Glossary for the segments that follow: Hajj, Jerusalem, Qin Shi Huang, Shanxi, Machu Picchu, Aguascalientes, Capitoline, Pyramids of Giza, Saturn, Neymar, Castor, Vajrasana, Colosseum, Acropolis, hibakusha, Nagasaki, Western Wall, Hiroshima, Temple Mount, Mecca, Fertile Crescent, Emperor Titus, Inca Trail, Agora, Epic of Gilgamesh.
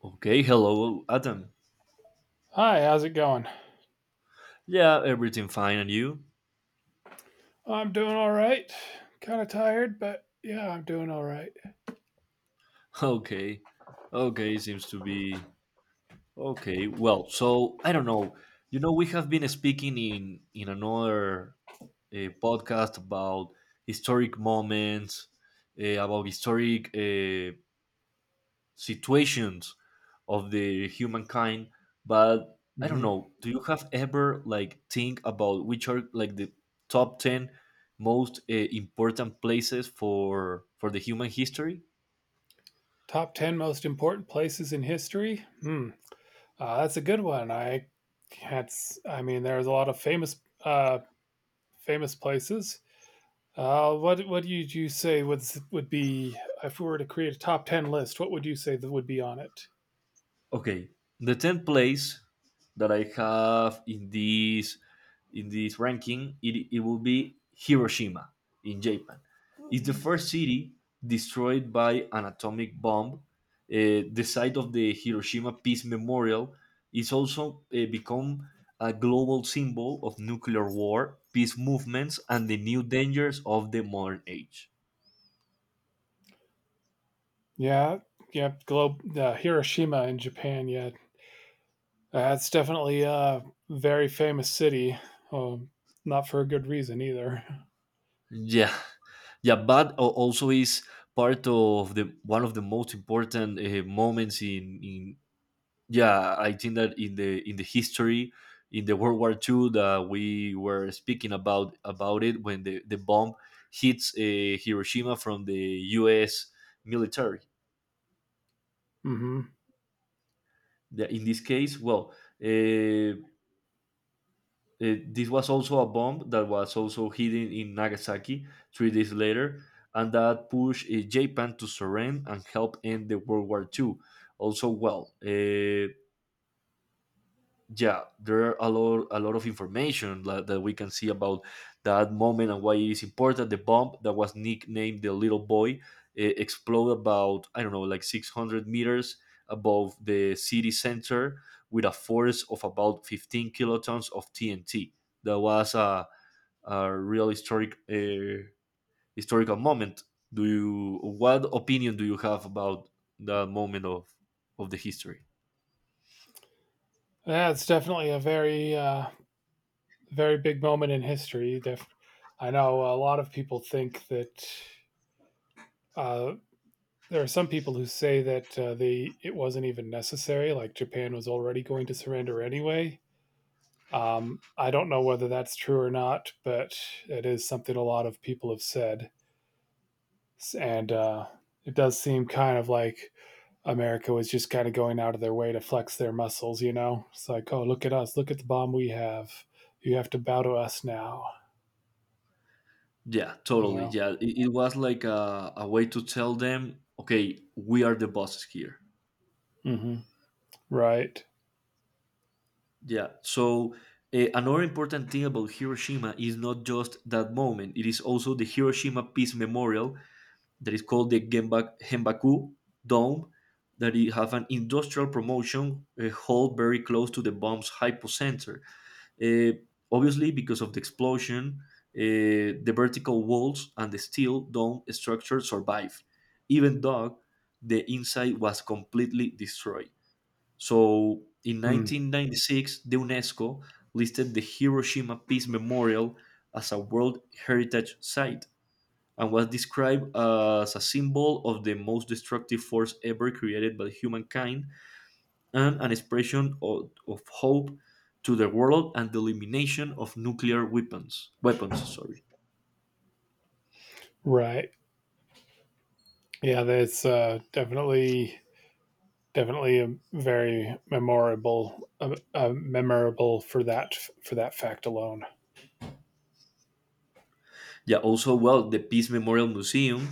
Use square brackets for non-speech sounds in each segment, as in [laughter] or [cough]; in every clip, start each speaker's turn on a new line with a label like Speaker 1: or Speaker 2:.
Speaker 1: Okay, hello, Adam.
Speaker 2: Hi, how's it going?
Speaker 1: Yeah, everything fine, and you?
Speaker 2: I'm doing all right. Kind of tired, but yeah, I'm doing all right.
Speaker 1: Okay, okay, seems to be okay. Well, so I don't know. We have been speaking in another podcast about historic moments, about historic situations of the humankind. But I don't
Speaker 2: Mm-hmm.
Speaker 1: know, do you have ever like think about which are like the top 10 most important places for the human history?
Speaker 2: Top 10 most important places in history? Hmm. That's a good one. I That's, I mean, there's a lot of famous uh famous places. What do you say would be if we were to create a top 10 list, what would you say that would be on it?
Speaker 1: Okay, the 10th place that I have in this ranking, it will be Hiroshima in Japan. It's the first city destroyed by an atomic bomb. The site of the Hiroshima Peace Memorial is also become a global symbol of nuclear war, peace movements, and the new dangers of the modern age.
Speaker 2: Yeah. Yeah, globe Hiroshima in Japan. Yeah, that's definitely a very famous city. Um, Not for a good reason either.
Speaker 1: Yeah, yeah, but also is part of the one of the most important moments in yeah. I think that in the history, in the World War II that we were speaking about it, when the bomb hits Hiroshima from the U.S. military.
Speaker 2: Hmm.
Speaker 1: In this case, well, uh, this was also a bomb that was also hidden in Nagasaki 3 days later, and that pushed Japan to surrender and help end the World War II. Also, well, yeah, there are a lot of information that we can see about that moment and why it is important. The bomb that was nicknamed the Little Boy exploded about, I don't know, like 600 meters above the city center with a force of about 15 kilotons of TNT. That was a real historical moment. Do you what opinion do you have about that moment of the history?
Speaker 2: Yeah, it's definitely a very big moment in history. I know a lot of people think that, uh, there are some people who say that they it wasn't even necessary. Like Japan was already going to surrender anyway. I don't know whether that's true or not, but it is something a lot of people have said. And it does seem kind of like America was just kind of going out of their way to flex their muscles, you know? It's like, oh, look at us. Look at the bomb we have. You have to bow to us now,
Speaker 1: Yeah,
Speaker 2: you
Speaker 1: totally.
Speaker 2: know?
Speaker 1: Yeah, it was like a way to tell them, okay, we are the bosses here.
Speaker 2: Hmm. Right.
Speaker 1: Yeah. So another important thing about Hiroshima is not just that moment; it is also the Hiroshima Peace Memorial that is called the Genbaku Dome, that it have an industrial promotion hall very close to the bomb's hypocenter. Uh, obviously, because of the explosion, the vertical walls and the steel dome structure survived, even though the inside was completely destroyed. So, in
Speaker 2: Mm.
Speaker 1: 1996, the UNESCO listed the Hiroshima Peace Memorial as a World Heritage Site, and was described as a symbol of the most destructive force ever created by humankind and an expression of hope to the world and the elimination of nuclear weapons. Weapons, sorry.
Speaker 2: Right. Yeah, that's definitely a very memorable, memorable for that fact alone.
Speaker 1: Yeah, also, well, the Peace Memorial Museum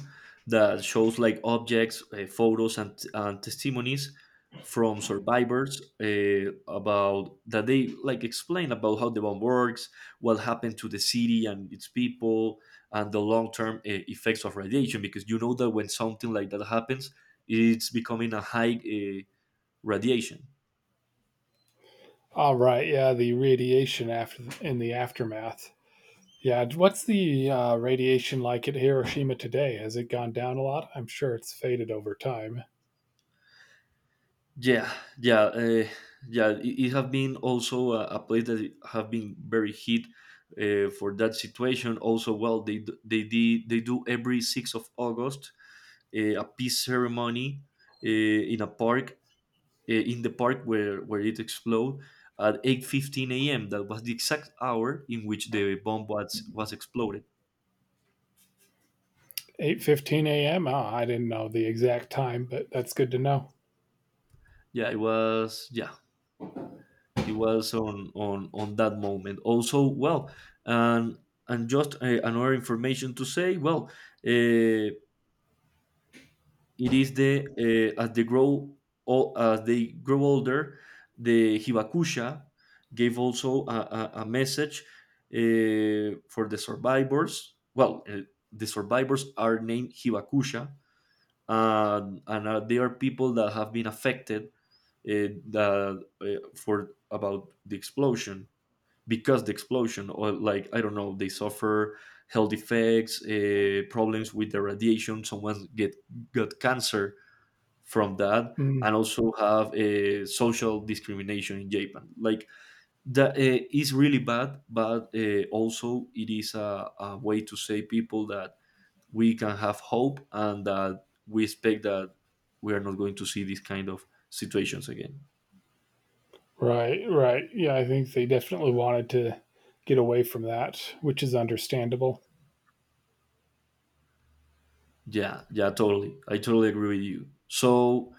Speaker 1: that shows like objects, photos, and testimonies from survivors about that they like explain about how the bomb works, what happened to the city and its people, and the long term effects of radiation. Because you know that when something like that happens, it's becoming a high radiation.
Speaker 2: All right, yeah, the radiation after in the aftermath. Yeah, what's the radiation like at Hiroshima today? Has it gone down a lot? I'm sure it's faded over time.
Speaker 1: Yeah, yeah, yeah. It have been also a place that have been very hit for that situation. Also, well, they d- they did they do every 6th of August a peace ceremony uh, in a park in the park where it exploded at 8:15 a.m. That was the exact hour in which the bomb was exploded.
Speaker 2: 8:15 a.m. Oh, I didn't know the exact time, but that's good to know.
Speaker 1: Yeah, it was. Yeah, it was on that moment. Also, well, and and just another information to say, well, uh, it is the uh, as they grow as they grow older, the hibakusha gave also a message for the survivors, well, the survivors are named hibakusha, and they are people that have been affected, uh, that, uh, for about the explosion, because the explosion, or like I don't know, they suffer health effects, problems with the radiation. Someone get got cancer from that,
Speaker 2: Mm,
Speaker 1: and also have a social discrimination in Japan. Like that is really bad, but also it is a way to say people that we can have hope and that we expect that we are not going to see these kind of situations again.
Speaker 2: right, right. Yeah, I think they definitely wanted to get away from that, which is understandable.
Speaker 1: Yeah, yeah, totally. I totally agree with you. So,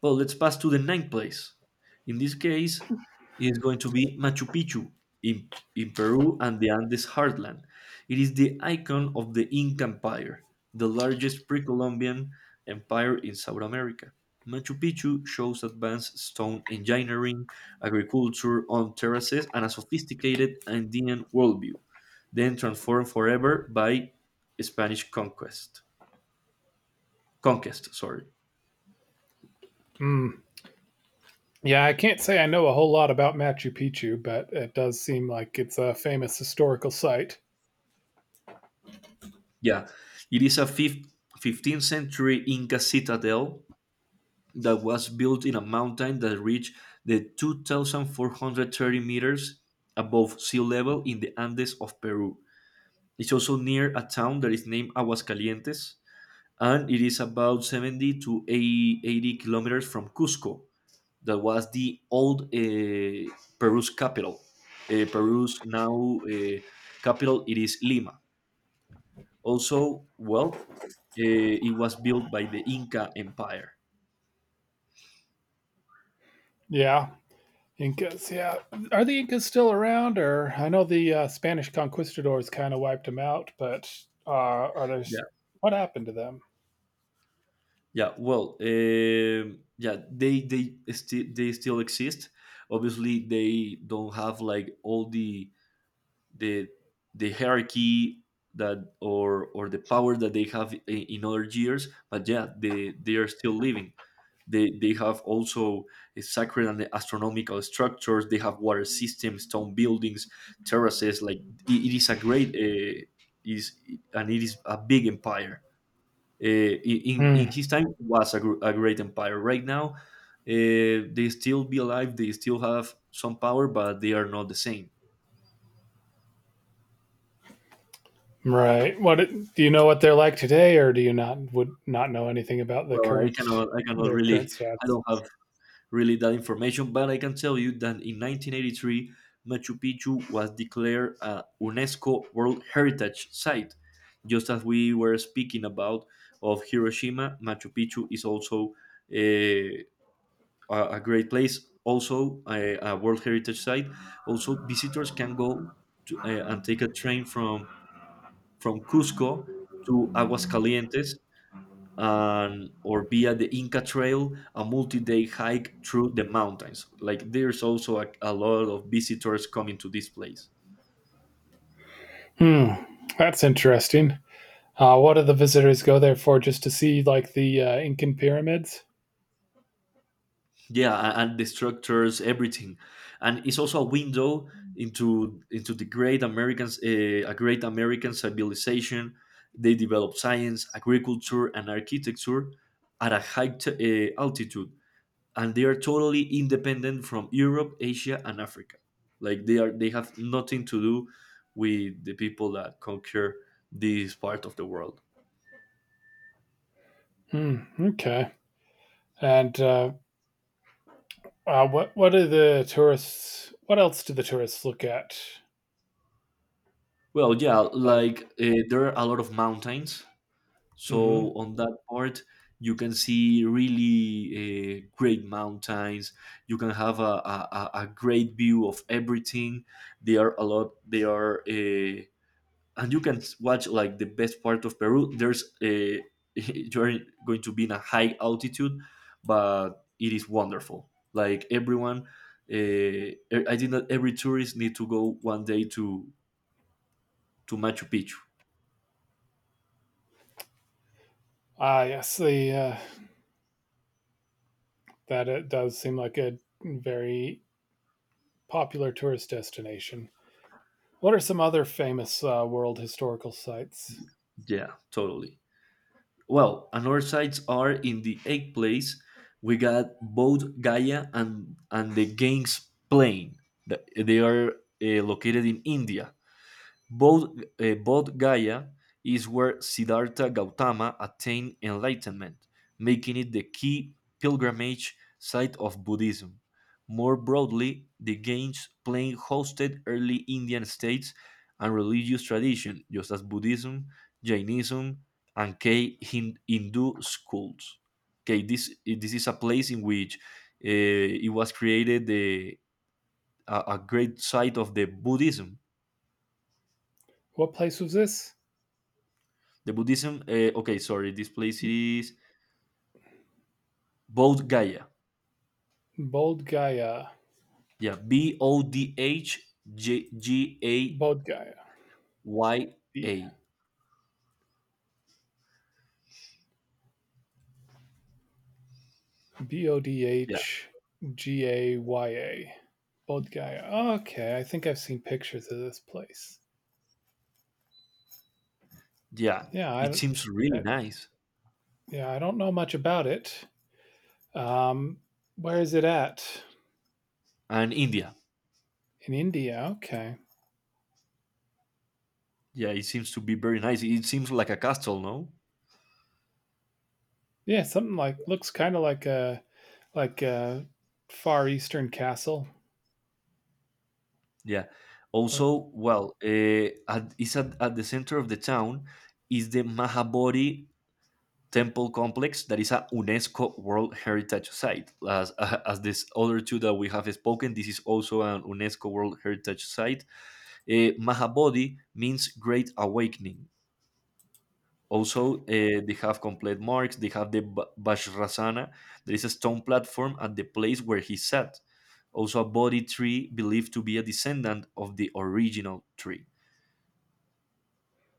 Speaker 1: well, let's pass to the ninth place. In this case, it is going to be Machu Picchu in Peru and the Andes heartland. It is the icon of the Inca Empire, the largest pre Columbian empire in South America. Machu Picchu shows advanced stone engineering, agriculture on terraces, and a sophisticated Andean worldview, then transformed forever by Spanish conquest. Conquest, sorry.
Speaker 2: Mm. Yeah, I can't say I know a whole lot about Machu Picchu, but it does seem like it's a famous historical site.
Speaker 1: Yeah, it is a 15th century Inca citadel that was built in a mountain that reached the 2,430 meters above sea level in the Andes of Peru. It's also near a town that is named Aguascalientes, and it is about 70 to 80 kilometers from Cusco, that was the old Peru's capital. Peru's now capital, it is Lima. Also, well, uh, it was built by the Inca Empire.
Speaker 2: Yeah, Incas, yeah. Are the Incas still around? Or I know the Spanish conquistadors kind of wiped them out, but are there?
Speaker 1: Yeah,
Speaker 2: What happened to them?
Speaker 1: yeah. Well, yeah, they still exist. Obviously, they don't have like all the the hierarchy that or the power that they have in other years. But yeah, they are still living. They have also sacred and astronomical structures. They have water systems, stone buildings, terraces. Like it is a great, is and it is a big empire. Uh, in
Speaker 2: Hmm.
Speaker 1: his time was a great empire. Right now, they still be alive. They still have some power, but they are not the same.
Speaker 2: Right. What do you know? What they're like today, or do you not would not know anything about
Speaker 1: Well,
Speaker 2: their current
Speaker 1: I
Speaker 2: status?
Speaker 1: don't have really that information, but I can tell you that in 1983, Machu Picchu was declared a UNESCO World Heritage Site. Just as we were speaking about of Hiroshima, Machu Picchu is also eh, a great place, also a World Heritage Site. Also, visitors can go and take a train from, Cusco to Aguascalientes and or via the Inca Trail, a multi-day hike through the mountains. Like there's also a lot of visitors coming to this place.
Speaker 2: Hmm. That's interesting. What do the visitors go there for? Just to see like the Incan pyramids?
Speaker 1: Yeah, and the structures, everything, and it's also a window into the a great American civilization. They developed science, agriculture, and architecture at a high altitude, and they are totally independent from Europe, Asia, and Africa. Like they have nothing to do with the people that conquer this part of the world.
Speaker 2: Hmm. Okay. And what do the tourists? What else do the tourists look at?
Speaker 1: Well, yeah,
Speaker 2: Like.
Speaker 1: like there are a lot of mountains, so
Speaker 2: Mm-hmm.
Speaker 1: on that part you can see really great mountains. You can have a great view of everything. They are a lot. They are. And you can watch like the best part of Peru. There's a [laughs] you're going to be in a high altitude, but it is wonderful. Like I think that every tourist need to go one day to Machu Picchu.
Speaker 2: Ah, yes, the that it does seem like a very popular tourist destination. What are some other famous world historical sites?
Speaker 1: Yeah, totally. Well, another sites are in the eighth place. We got both Gaia and the Gangs Plain. They are located in India. Bodh, uh, Bodh Gaya is where Siddhartha Gautama attained enlightenment, making it the key pilgrimage site of Buddhism. More broadly, the Games plain hosted early Indian states and religious tradition, just as Buddhism, Jainism, and Hindu schools. Okay, this is a place in which it was created a great site of the Buddhism.
Speaker 2: What place was this?
Speaker 1: The Buddhism. Okay, sorry. This place is Bodh Gaya.
Speaker 2: Bodh Gaya.
Speaker 1: Yeah, B O D H J G A
Speaker 2: Bodh Gaya.
Speaker 1: Y
Speaker 2: B
Speaker 1: A.
Speaker 2: B O D
Speaker 1: Yeah,
Speaker 2: H G A Y A. Bodh Gaya. Okay, I think I've seen pictures of this place.
Speaker 1: yeah.
Speaker 2: Yeah, I,
Speaker 1: It
Speaker 2: don't-
Speaker 1: seems really
Speaker 2: I-
Speaker 1: nice.
Speaker 2: yeah, I don't know much about it. Um, where is it at?
Speaker 1: And India.
Speaker 2: In India. Okay.
Speaker 1: Yeah, it seems to be very nice. It seems like a castle, no?
Speaker 2: Yeah, something like looks kind of like a Like a Far Eastern castle,
Speaker 1: Yeah.
Speaker 2: or
Speaker 1: Also, well, it's at the center of the town is the Mahabodhi temple complex that is a UNESCO World Heritage Site. As this other two that we have spoken, this is also an UNESCO World Heritage Site. Mahabodhi means Great Awakening. Also, they have complete marks. They have the Vajrasana. There is a stone platform at the place where he sat. Also, a Bodhi tree believed to be a descendant of the original tree.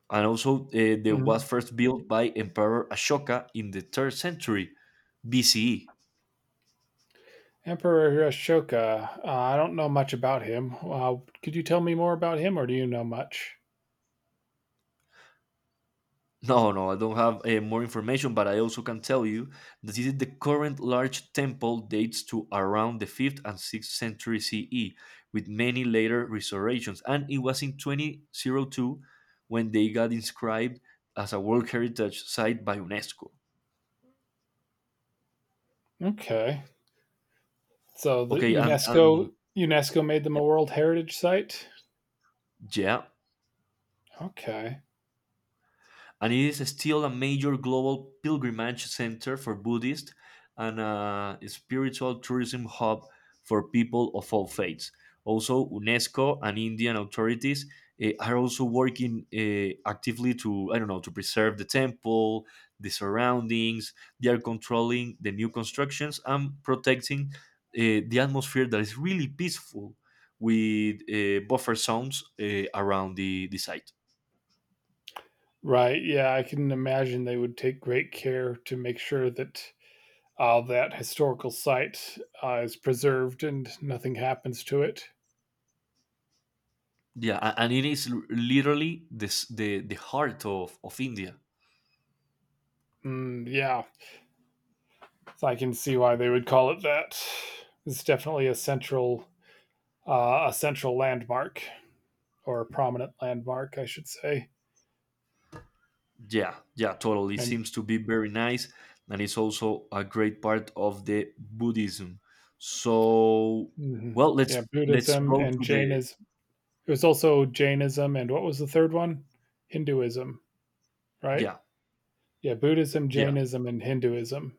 Speaker 1: And also, they was
Speaker 2: Mhm.
Speaker 1: first built by Emperor Ashoka in the 3rd century BCE.
Speaker 2: Emperor Hiroshika, I don't know much about him. Could you tell me more about him, or do you know much?
Speaker 1: No, no, I don't have more information, but I also can tell you that this is the current large temple dates to around the 5th and 6th century CE, with many later restorations. And it was in 2002 when they got inscribed as a World Heritage Site by UNESCO.
Speaker 2: Okay, so the
Speaker 1: Okay, and
Speaker 2: UNESCO made them a World Heritage Site.
Speaker 1: yeah,
Speaker 2: Okay,
Speaker 1: and it is still a major global pilgrimage center for Buddhists and a spiritual tourism hub for people of all faiths. Also, UNESCO and Indian authorities are also working actively to, I don't know, to preserve the temple, the surroundings. They are controlling the new constructions and protecting the atmosphere that is really peaceful with buffer zones around the site.
Speaker 2: right? Yeah, I can imagine they would take great care to make sure that, that historical site is preserved and nothing happens to it.
Speaker 1: Yeah, and it is literally the the heart of India.
Speaker 2: Mm, yeah, so I can see why they would call it that. It's definitely a central landmark, or a prominent landmark, I should say.
Speaker 1: Yeah, yeah, totally. It
Speaker 2: And
Speaker 1: seems to be very nice, and it's also a great part of the Buddhism. So,
Speaker 2: Mhm.
Speaker 1: well,
Speaker 2: Yeah,
Speaker 1: let's
Speaker 2: Buddhism
Speaker 1: go
Speaker 2: and
Speaker 1: to the.
Speaker 2: Jainism. It was also Jainism and what was the third one? Hinduism, right?
Speaker 1: Yeah,
Speaker 2: Yeah, Buddhism,
Speaker 1: yeah,
Speaker 2: Jainism, and Hinduism.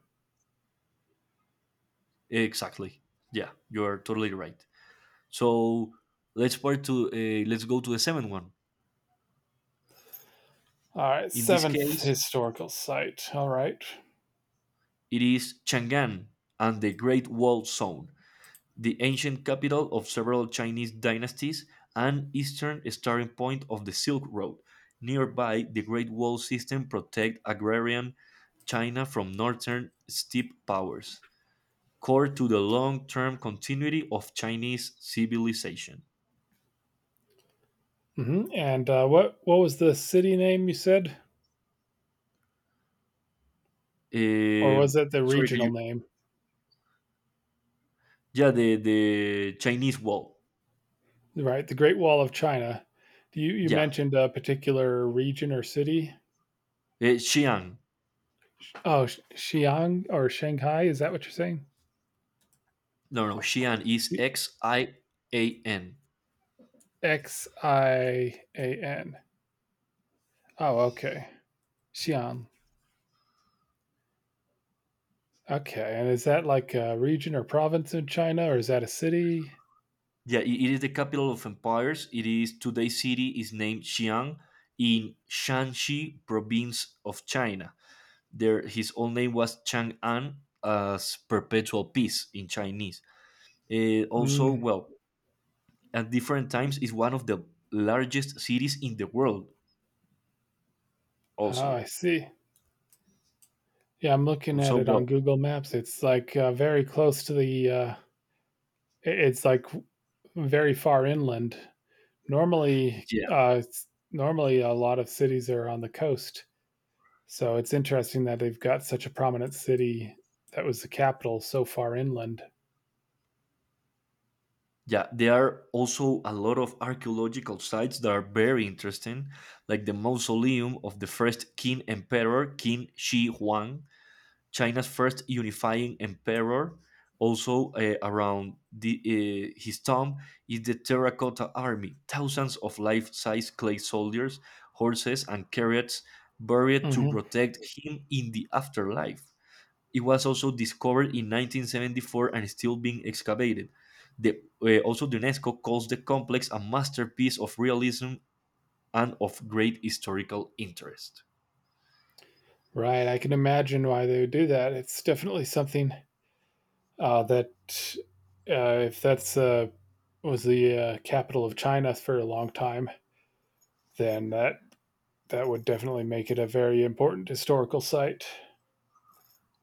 Speaker 1: exactly. Yeah, you're totally right. So let's go to the seventh one.
Speaker 2: All right,
Speaker 1: In this
Speaker 2: seventh
Speaker 1: case,
Speaker 2: historical site. All right.
Speaker 1: it is Chang'an and the Great Wall Zone, the ancient capital of several Chinese dynasties and eastern starting point of the Silk Road. Nearby, the Great Wall system protect agrarian China from northern steppe powers, core to the long-term continuity of Chinese civilization.
Speaker 2: Mhm. And what was the city name you said, or was
Speaker 1: Um,
Speaker 2: it the
Speaker 1: Sorry, can
Speaker 2: regional
Speaker 1: you?
Speaker 2: name?
Speaker 1: Yeah, the Chinese Wall.
Speaker 2: Right, the Great Wall of China. Do you
Speaker 1: Yeah.
Speaker 2: mentioned a particular region or city?
Speaker 1: Xi'an.
Speaker 2: Oh, Xi'an or Shanghai, is that what you're saying?
Speaker 1: No, no, Xi'an is
Speaker 2: Xi-
Speaker 1: Xian.
Speaker 2: Xi'an. Oh, okay. Xi'an. Okay, and is that like a region or province in China, or is that a city?
Speaker 1: Yeah, it is the capital of empires. It is today's city is named Xi'an in Shanxi province of China. There, his old name was Chang'an as perpetual peace in Chinese. Also,
Speaker 2: Mm.
Speaker 1: well, at different times, is one of the largest cities in the world.
Speaker 2: Oh, I
Speaker 1: Also,
Speaker 2: see. Yeah, I'm looking at
Speaker 1: so
Speaker 2: it on
Speaker 1: well,
Speaker 2: Google Maps. It's like very close to the. It's like very far inland. normally
Speaker 1: yeah,
Speaker 2: uh, Normally, a lot of cities are on the coast, so it's interesting that they've got such a prominent city that was the capital so far inland.
Speaker 1: yeah. There are also a lot of archaeological sites that are very interesting, like the mausoleum of the first Qin Emperor, Qin Shi Huang, China's first unifying emperor. Also, around his tomb is the terracotta army, thousands of life-size clay soldiers, horses, and carrots buried to
Speaker 2: Mm-hmm.
Speaker 1: protect him in the afterlife. It was also discovered in 1974 and is still being excavated. Also, the UNESCO calls the complex a masterpiece of realism and of great historical interest.
Speaker 2: Right, I can imagine why they would do that. It's definitely something, that if that's was the capital of China for a long time, then that would definitely make it a very important historical site.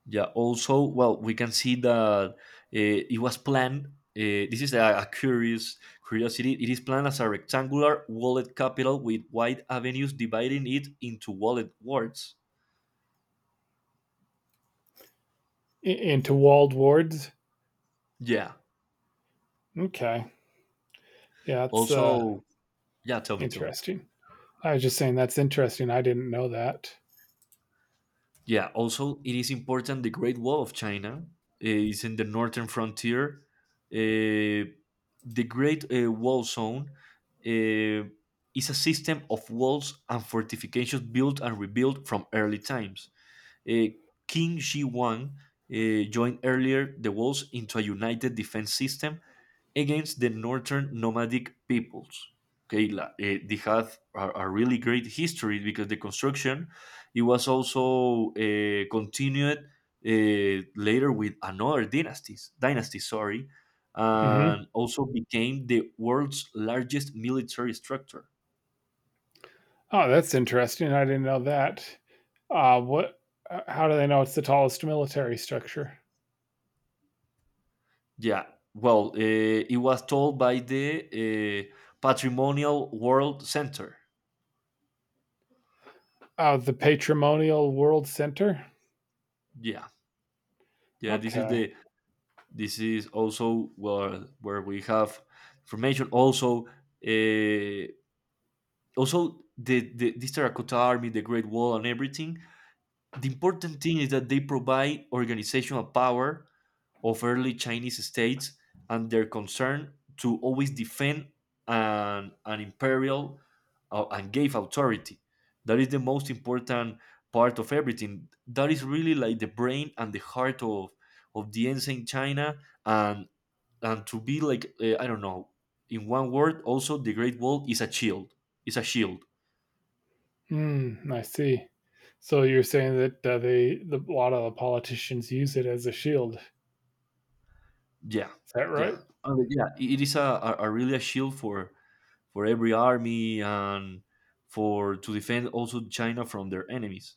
Speaker 1: Yeah, also, well, we can see that it was planned. This is a curious curiosity. It is planned as a rectangular walled capital with wide avenues dividing it into walled wards.
Speaker 2: Into walled wards.
Speaker 1: Yeah.
Speaker 2: Okay, yeah, that's
Speaker 1: Also, yeah, tell me, tell me.
Speaker 2: interesting. I was just saying that's interesting. I didn't know that.
Speaker 1: Yeah, also, it is important the Great Wall of China is in the northern frontier. Uh, the Great Wall Zone uh, is a system of walls and fortifications built and rebuilt from early times. Uh, King Ji Wan joined earlier the Wolves into a united defense system against the northern nomadic peoples. Okay, they have a really great history because the construction it was also continued later with another dynasties dynasty, sorry,
Speaker 2: Hmm.
Speaker 1: and also became the world's largest military structure.
Speaker 2: Oh, that's interesting. I didn't know that. What? How do they know it's the tallest military structure?
Speaker 1: Yeah. Well, it was told by the Patrimonial World Center.
Speaker 2: Oh, the Patrimonial World Center.
Speaker 1: Yeah. Yeah.
Speaker 2: Okay.
Speaker 1: This is also where we have information. Also, uh, the this terracotta army, the Great Wall, and everything. The important thing is that they provide organizational power of early Chinese states and their concern to always defend an imperial and gave authority. That is the most important part of everything. That is really like the brain and the heart of the ancient China, and and to be like I don't know. In one word, also the Great Wall is a shield. It's a shield.
Speaker 2: Hmm. I see. So you're saying that, a lot of the politicians use it as a shield. Is
Speaker 1: Yeah,
Speaker 2: that
Speaker 1: yeah.
Speaker 2: right?
Speaker 1: And, yeah. It is a really a shield for every army and for to defend also China from their enemies.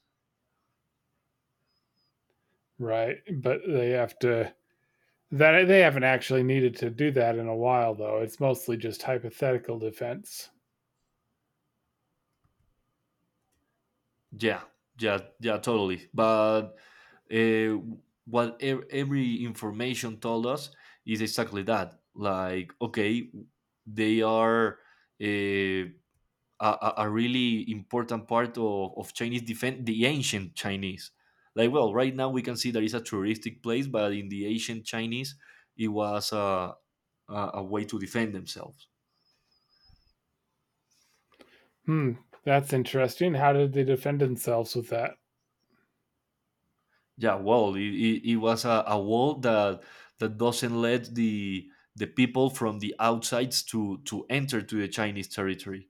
Speaker 2: Right. But they have to. That they haven't actually needed to do that in a while, though. It's mostly just hypothetical defense.
Speaker 1: Yeah, yeah, yeah, totally. But uh, what every information told us is exactly that. Like, okay, they are uh, a, a really important part of Chinese defense, the ancient Chinese. Like, well, right now we can see that it's a touristic place, but in the ancient Chinese, it was a way to defend themselves.
Speaker 2: Hmm, that's interesting. How did they defend themselves with that?
Speaker 1: Yeah, well, it was a wall that doesn't let the people from the outsides to enter to the Chinese territory.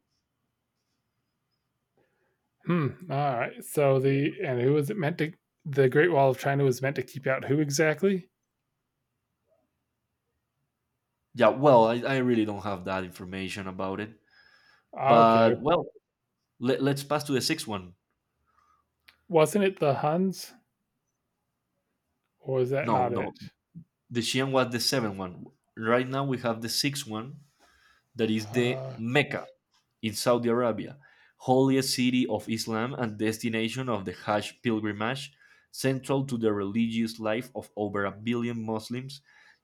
Speaker 2: Hmm. All right. So
Speaker 1: Yeah,
Speaker 2: the and who was it meant to? The Great Wall of China was meant to keep out who exactly?
Speaker 1: yeah, well, I really don't have that information about it,
Speaker 2: Okay.
Speaker 1: but well, let's pass to the sixth one.
Speaker 2: Wasn't it the Huns, or is that
Speaker 1: No,
Speaker 2: not it?
Speaker 1: no, the Xian was the seventh one. Right now we have the sixth one. That is the
Speaker 2: Uh,
Speaker 1: Mecca. It's Saudi Arabia, holiest city of Islam and destination of the Hajj pilgrimage, central to the religious life of over a billion Muslims.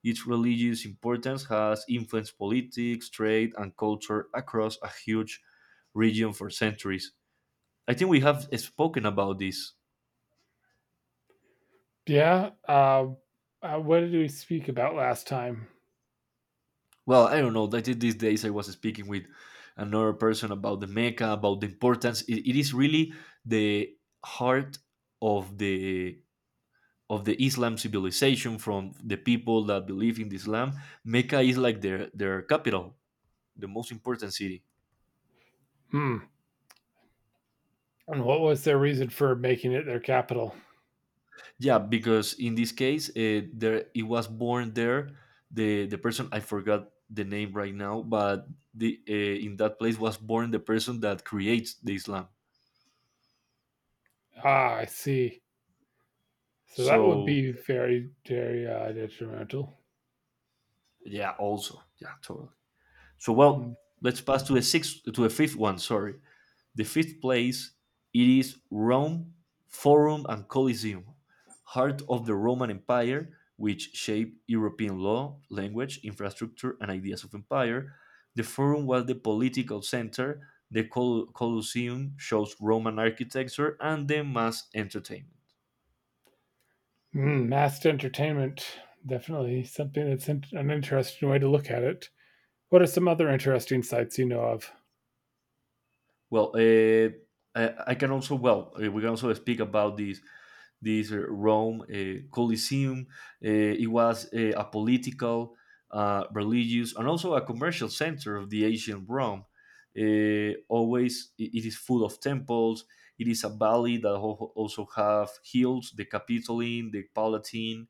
Speaker 1: Its religious importance has influenced politics, trade, and culture across a huge region for centuries. I think we have spoken about this.
Speaker 2: yeah. What did we speak about last time?
Speaker 1: Well, I don't know. I think these days I was speaking with another person about the Mecca, about the importance. It is really the heart of the of the Islam civilization from the people that believe in Islam. Mecca is like their capital, the most important city.
Speaker 2: Hmm. And what was their reason for making it their capital?
Speaker 1: Yeah, because in this case, there it was born there. The person, I forgot the name right now, but the in that place was born the person that creates the Islam.
Speaker 2: Ah, I see. So that would
Speaker 1: So
Speaker 2: be very, very detrimental.
Speaker 1: yeah, also yeah, totally. So,
Speaker 2: Hmm.
Speaker 1: well, let's pass to a sixth to a fifth one. Sorry. The fifth place it is Rome Forum and Colosseum, heart of the Roman Empire, which shaped European law, language, infrastructure, and ideas of empire. The Forum was the political center. The Colosseum shows Roman architecture and the mass entertainment.
Speaker 2: Mm, masked entertainment. Definitely something that's an interesting way to look at it. What are some other interesting sites you know of?
Speaker 1: Well, I can also well we can also speak about this Rome Colosseum. It was a political, religious, and also a commercial center of the ancient Rome. Always, it is full of temples. It is a valley that also have hills: the Capitoline, the Palatine,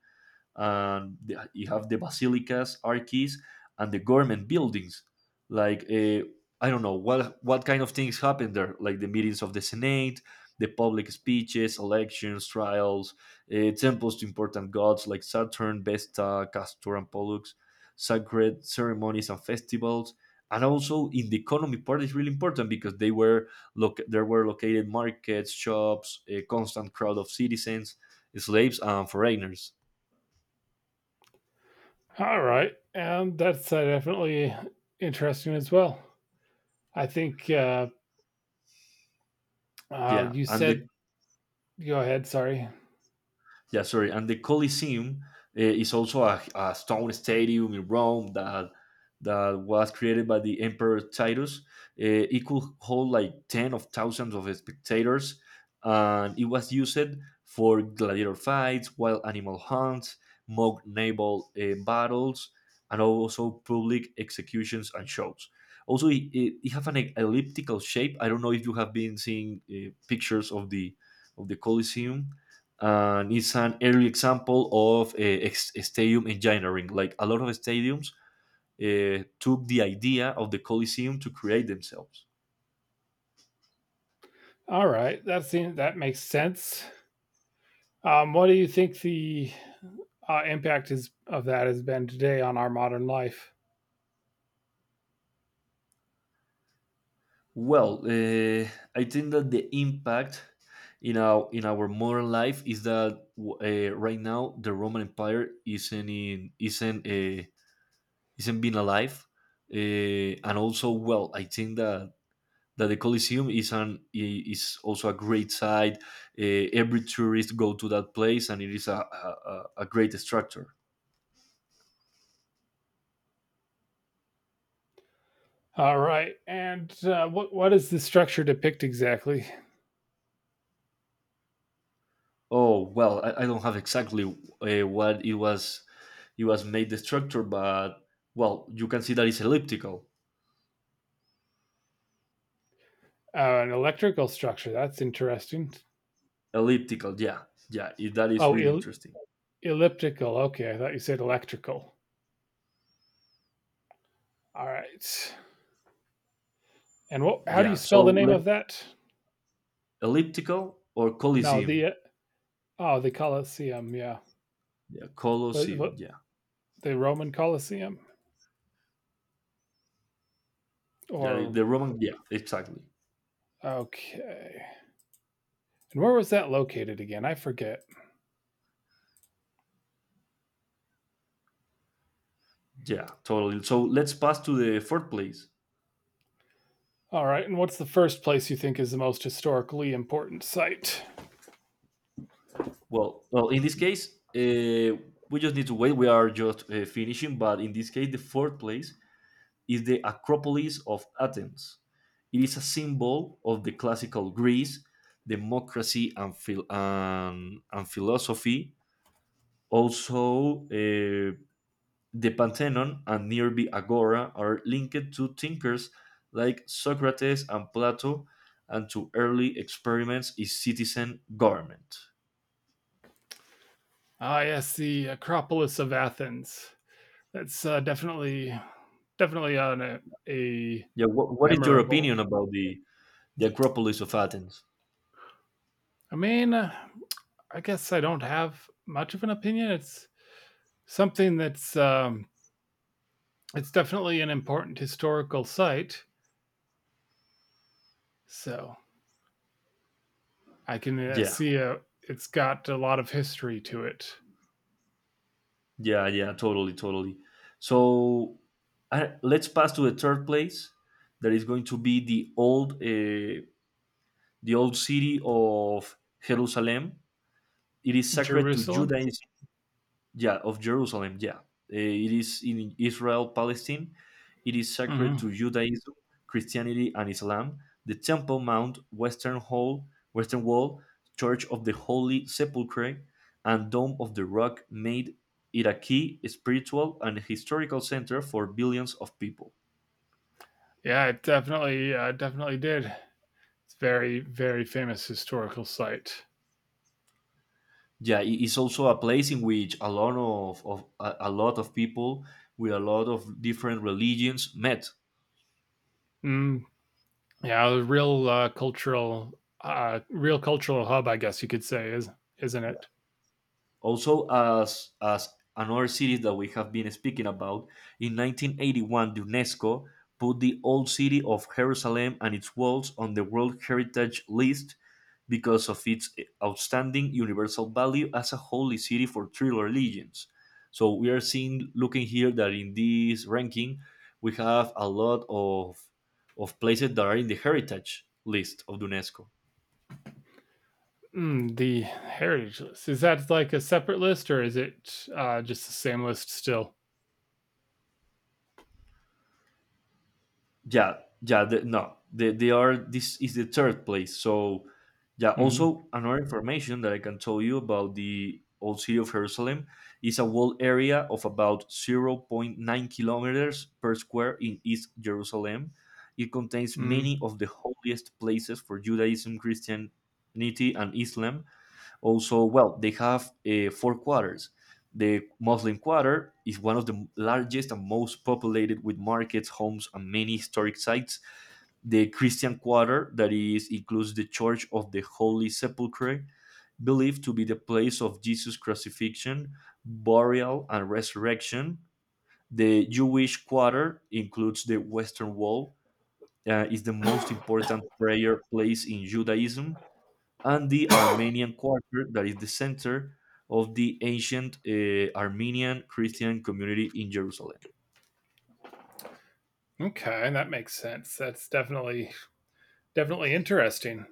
Speaker 1: and you have the basilicas, arches, and the government buildings. Like I don't know what kind of things happen there, like the meetings of the Senate, the public speeches, elections, trials, temples to important gods like Saturn, Vesta, Castor, and Pollux, sacred ceremonies and festivals. And also in the economy part is really important because they were look there were located markets, shops, a constant crowd of citizens, slaves, and foreigners.
Speaker 2: All right. And that's definitely interesting as well. I think,
Speaker 1: Yeah,
Speaker 2: you
Speaker 1: and the
Speaker 2: said, go ahead. Sorry.
Speaker 1: yeah, sorry, and the Colosseum is also a stone stadium in Rome that was created by the Emperor Titus. It could hold like ten of thousands of spectators, and it was used for gladiator fights, wild animal hunts, mock naval battles, and also public executions and shows. Also, it have an elliptical shape. I don't know if you have been seeing pictures of the Colosseum, and it's an early example of stadium engineering. Like a lot of stadiums took the idea of the Coliseum to create themselves.
Speaker 2: All right. That makes sense. What do you think the impact is of that has been today on our modern life?
Speaker 1: Well, I think that the impact in our modern life is that right now the Roman Empire isn't in, isn't isn't being alive. And also, well, I think that the Coliseum is also a great site. Every tourist go to that place, and it is a great structure.
Speaker 2: All right. And what does the structure depict exactly?
Speaker 1: Oh, well, I don't have exactly what it was. It was made the structure, but well, you can see that it's elliptical.
Speaker 2: An electrical structure. That's interesting.
Speaker 1: Elliptical, yeah, yeah. That is
Speaker 2: Oh,
Speaker 1: really interesting.
Speaker 2: elliptical. Okay, I thought you said electrical. All right. And what? How do you
Speaker 1: Yeah.
Speaker 2: spell the
Speaker 1: So
Speaker 2: name
Speaker 1: let
Speaker 2: of that?
Speaker 1: elliptical or
Speaker 2: No,
Speaker 1: Coliseum.
Speaker 2: the Colosseum. Yeah,
Speaker 1: Yeah,
Speaker 2: what,
Speaker 1: Colosseum.
Speaker 2: what,
Speaker 1: Yeah,
Speaker 2: the Roman Colosseum,
Speaker 1: yeah.
Speaker 2: or
Speaker 1: The Roman. Yeah, exactly.
Speaker 2: okay. And where was that located again? I forget.
Speaker 1: Yeah, totally. So let's pass to the fourth place.
Speaker 2: All right. And what's the first place you think is the most historically important site?
Speaker 1: Well, well, in this case, uh, we just need to wait. We are just finishing, but in this case, the fourth place is the Acropolis of Athens. It is a symbol of the classical Greece, democracy, and philosophy. Also, the Parthenon and nearby Agora are linked to thinkers like Socrates and Plato and to early experiments in citizen government.
Speaker 2: Ah, yes, the Acropolis of Athens. That's definitely on a
Speaker 1: Yeah, what is your
Speaker 2: memorable.
Speaker 1: opinion about the Acropolis of Athens?
Speaker 2: I mean, I guess I don't have much of an opinion. It's something. That's It's definitely an important historical site, so I can
Speaker 1: Yeah,
Speaker 2: see it's got a lot of history to it.
Speaker 1: yeah, yeah, totally, totally. So, let's pass to the third place. That is going to be the old city of Jerusalem. It is sacred to
Speaker 2: Jerusalem.
Speaker 1: Judaism. Yeah, of Jerusalem. Yeah. Uh, it is in Israel, Palestine. It is sacred
Speaker 2: Hmm.
Speaker 1: to Judaism, Christianity, and Islam. The Temple Mount, Western Wall, Church of the Holy Sepulchre, and Dome of the Rock made it a key spiritual and historical center for billions of people.
Speaker 2: Yeah, it definitely did. It's very, very famous historical site.
Speaker 1: Yeah, it is also a place in which a lot of people with a lot of different religions met.
Speaker 2: Mm, yeah, a real cultural hub, I guess you could say, is isn't it?
Speaker 1: Also, as another cities that we have been speaking about, in 1981, UNESCO put the old city of Jerusalem and its walls on the World Heritage List because of its outstanding universal value as a holy city for three religions. So we are seeing, looking here, that in this ranking, we have a lot of places that are in the heritage list of UNESCO.
Speaker 2: Mm, the heritage list. Is that like a separate list, or is it just the same list still?
Speaker 1: Yeah, yeah, no, they are. This is the third place. So, yeah,
Speaker 2: Hmm.
Speaker 1: also another information that I can tell you about the old city of Jerusalem is a walled area of about zero point 0.9 kilometers per square in east Jerusalem. It contains
Speaker 2: Mm,
Speaker 1: many of the holiest places for Judaism, Christianity, and Islam. Also, well, they have four quarters. The Muslim quarter is one of the largest and most populated with markets, homes, and many historic sites. The Christian quarter, that is, includes the Church of the Holy Sepulchre, believed to be the place of Jesus' crucifixion, burial, and resurrection. The Jewish quarter includes the Western Wall, is the most important prayer place in Judaism, and the Armenian Quarter, that is the center of the ancient Armenian Christian community in Jerusalem.
Speaker 2: okay, that makes sense. That's definitely interesting.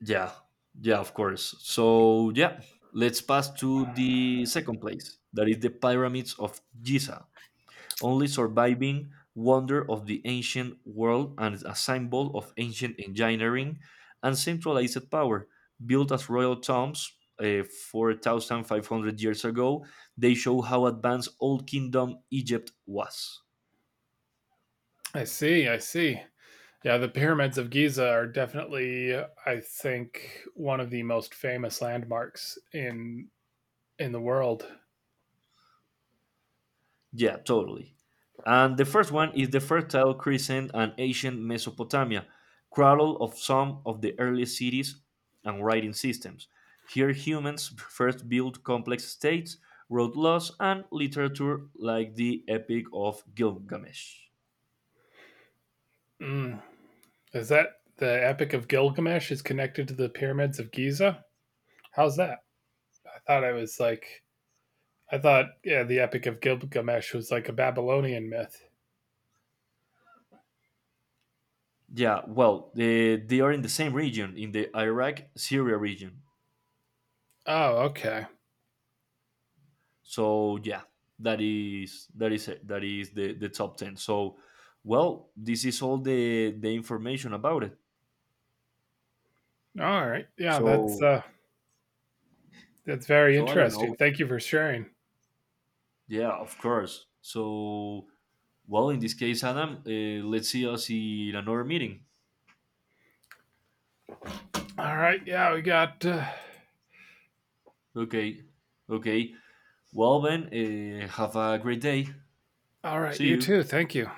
Speaker 1: Yeah, yeah, of course. So, yeah, let's pass to the second place, that is the pyramids of Giza. Only surviving wonder of the ancient world and a symbol of ancient engineering and centralized power. Built as royal tombs 4,500 years ago, they show how advanced old kingdom Egypt was.
Speaker 2: I see. I see. Yeah, the pyramids of Giza are definitely, I think, one of the most famous landmarks in the world.
Speaker 1: Yeah, totally. And the first one is the Fertile Crescent and ancient Mesopotamia, cradle of some of the earliest cities and writing systems. Here, humans first built complex states, wrote laws, and literature like the Epic of Gilgamesh.
Speaker 2: Mm. Is that the Epic of Gilgamesh is connected to the pyramids of Giza? How's that? I thought it was like I thought yeah, the Epic of Gilgamesh was like a Babylonian myth.
Speaker 1: Yeah, well, they are in the same region, in the Iraq Syria region.
Speaker 2: Oh, okay.
Speaker 1: So yeah, that is it. That is the top 10. So, well, this is all the information about it.
Speaker 2: All right. Yeah, that's
Speaker 1: So,
Speaker 2: uh that's very
Speaker 1: so I don't
Speaker 2: interesting.
Speaker 1: know.
Speaker 2: Thank you for sharing.
Speaker 1: Yeah, of course. So, well, in this case, Adam, let's see us in another meeting.
Speaker 2: All right. Yeah, we got.
Speaker 1: Okay, okay. Well, then, have a great day.
Speaker 2: All right,
Speaker 1: See
Speaker 2: you
Speaker 1: you.
Speaker 2: too. Thank you.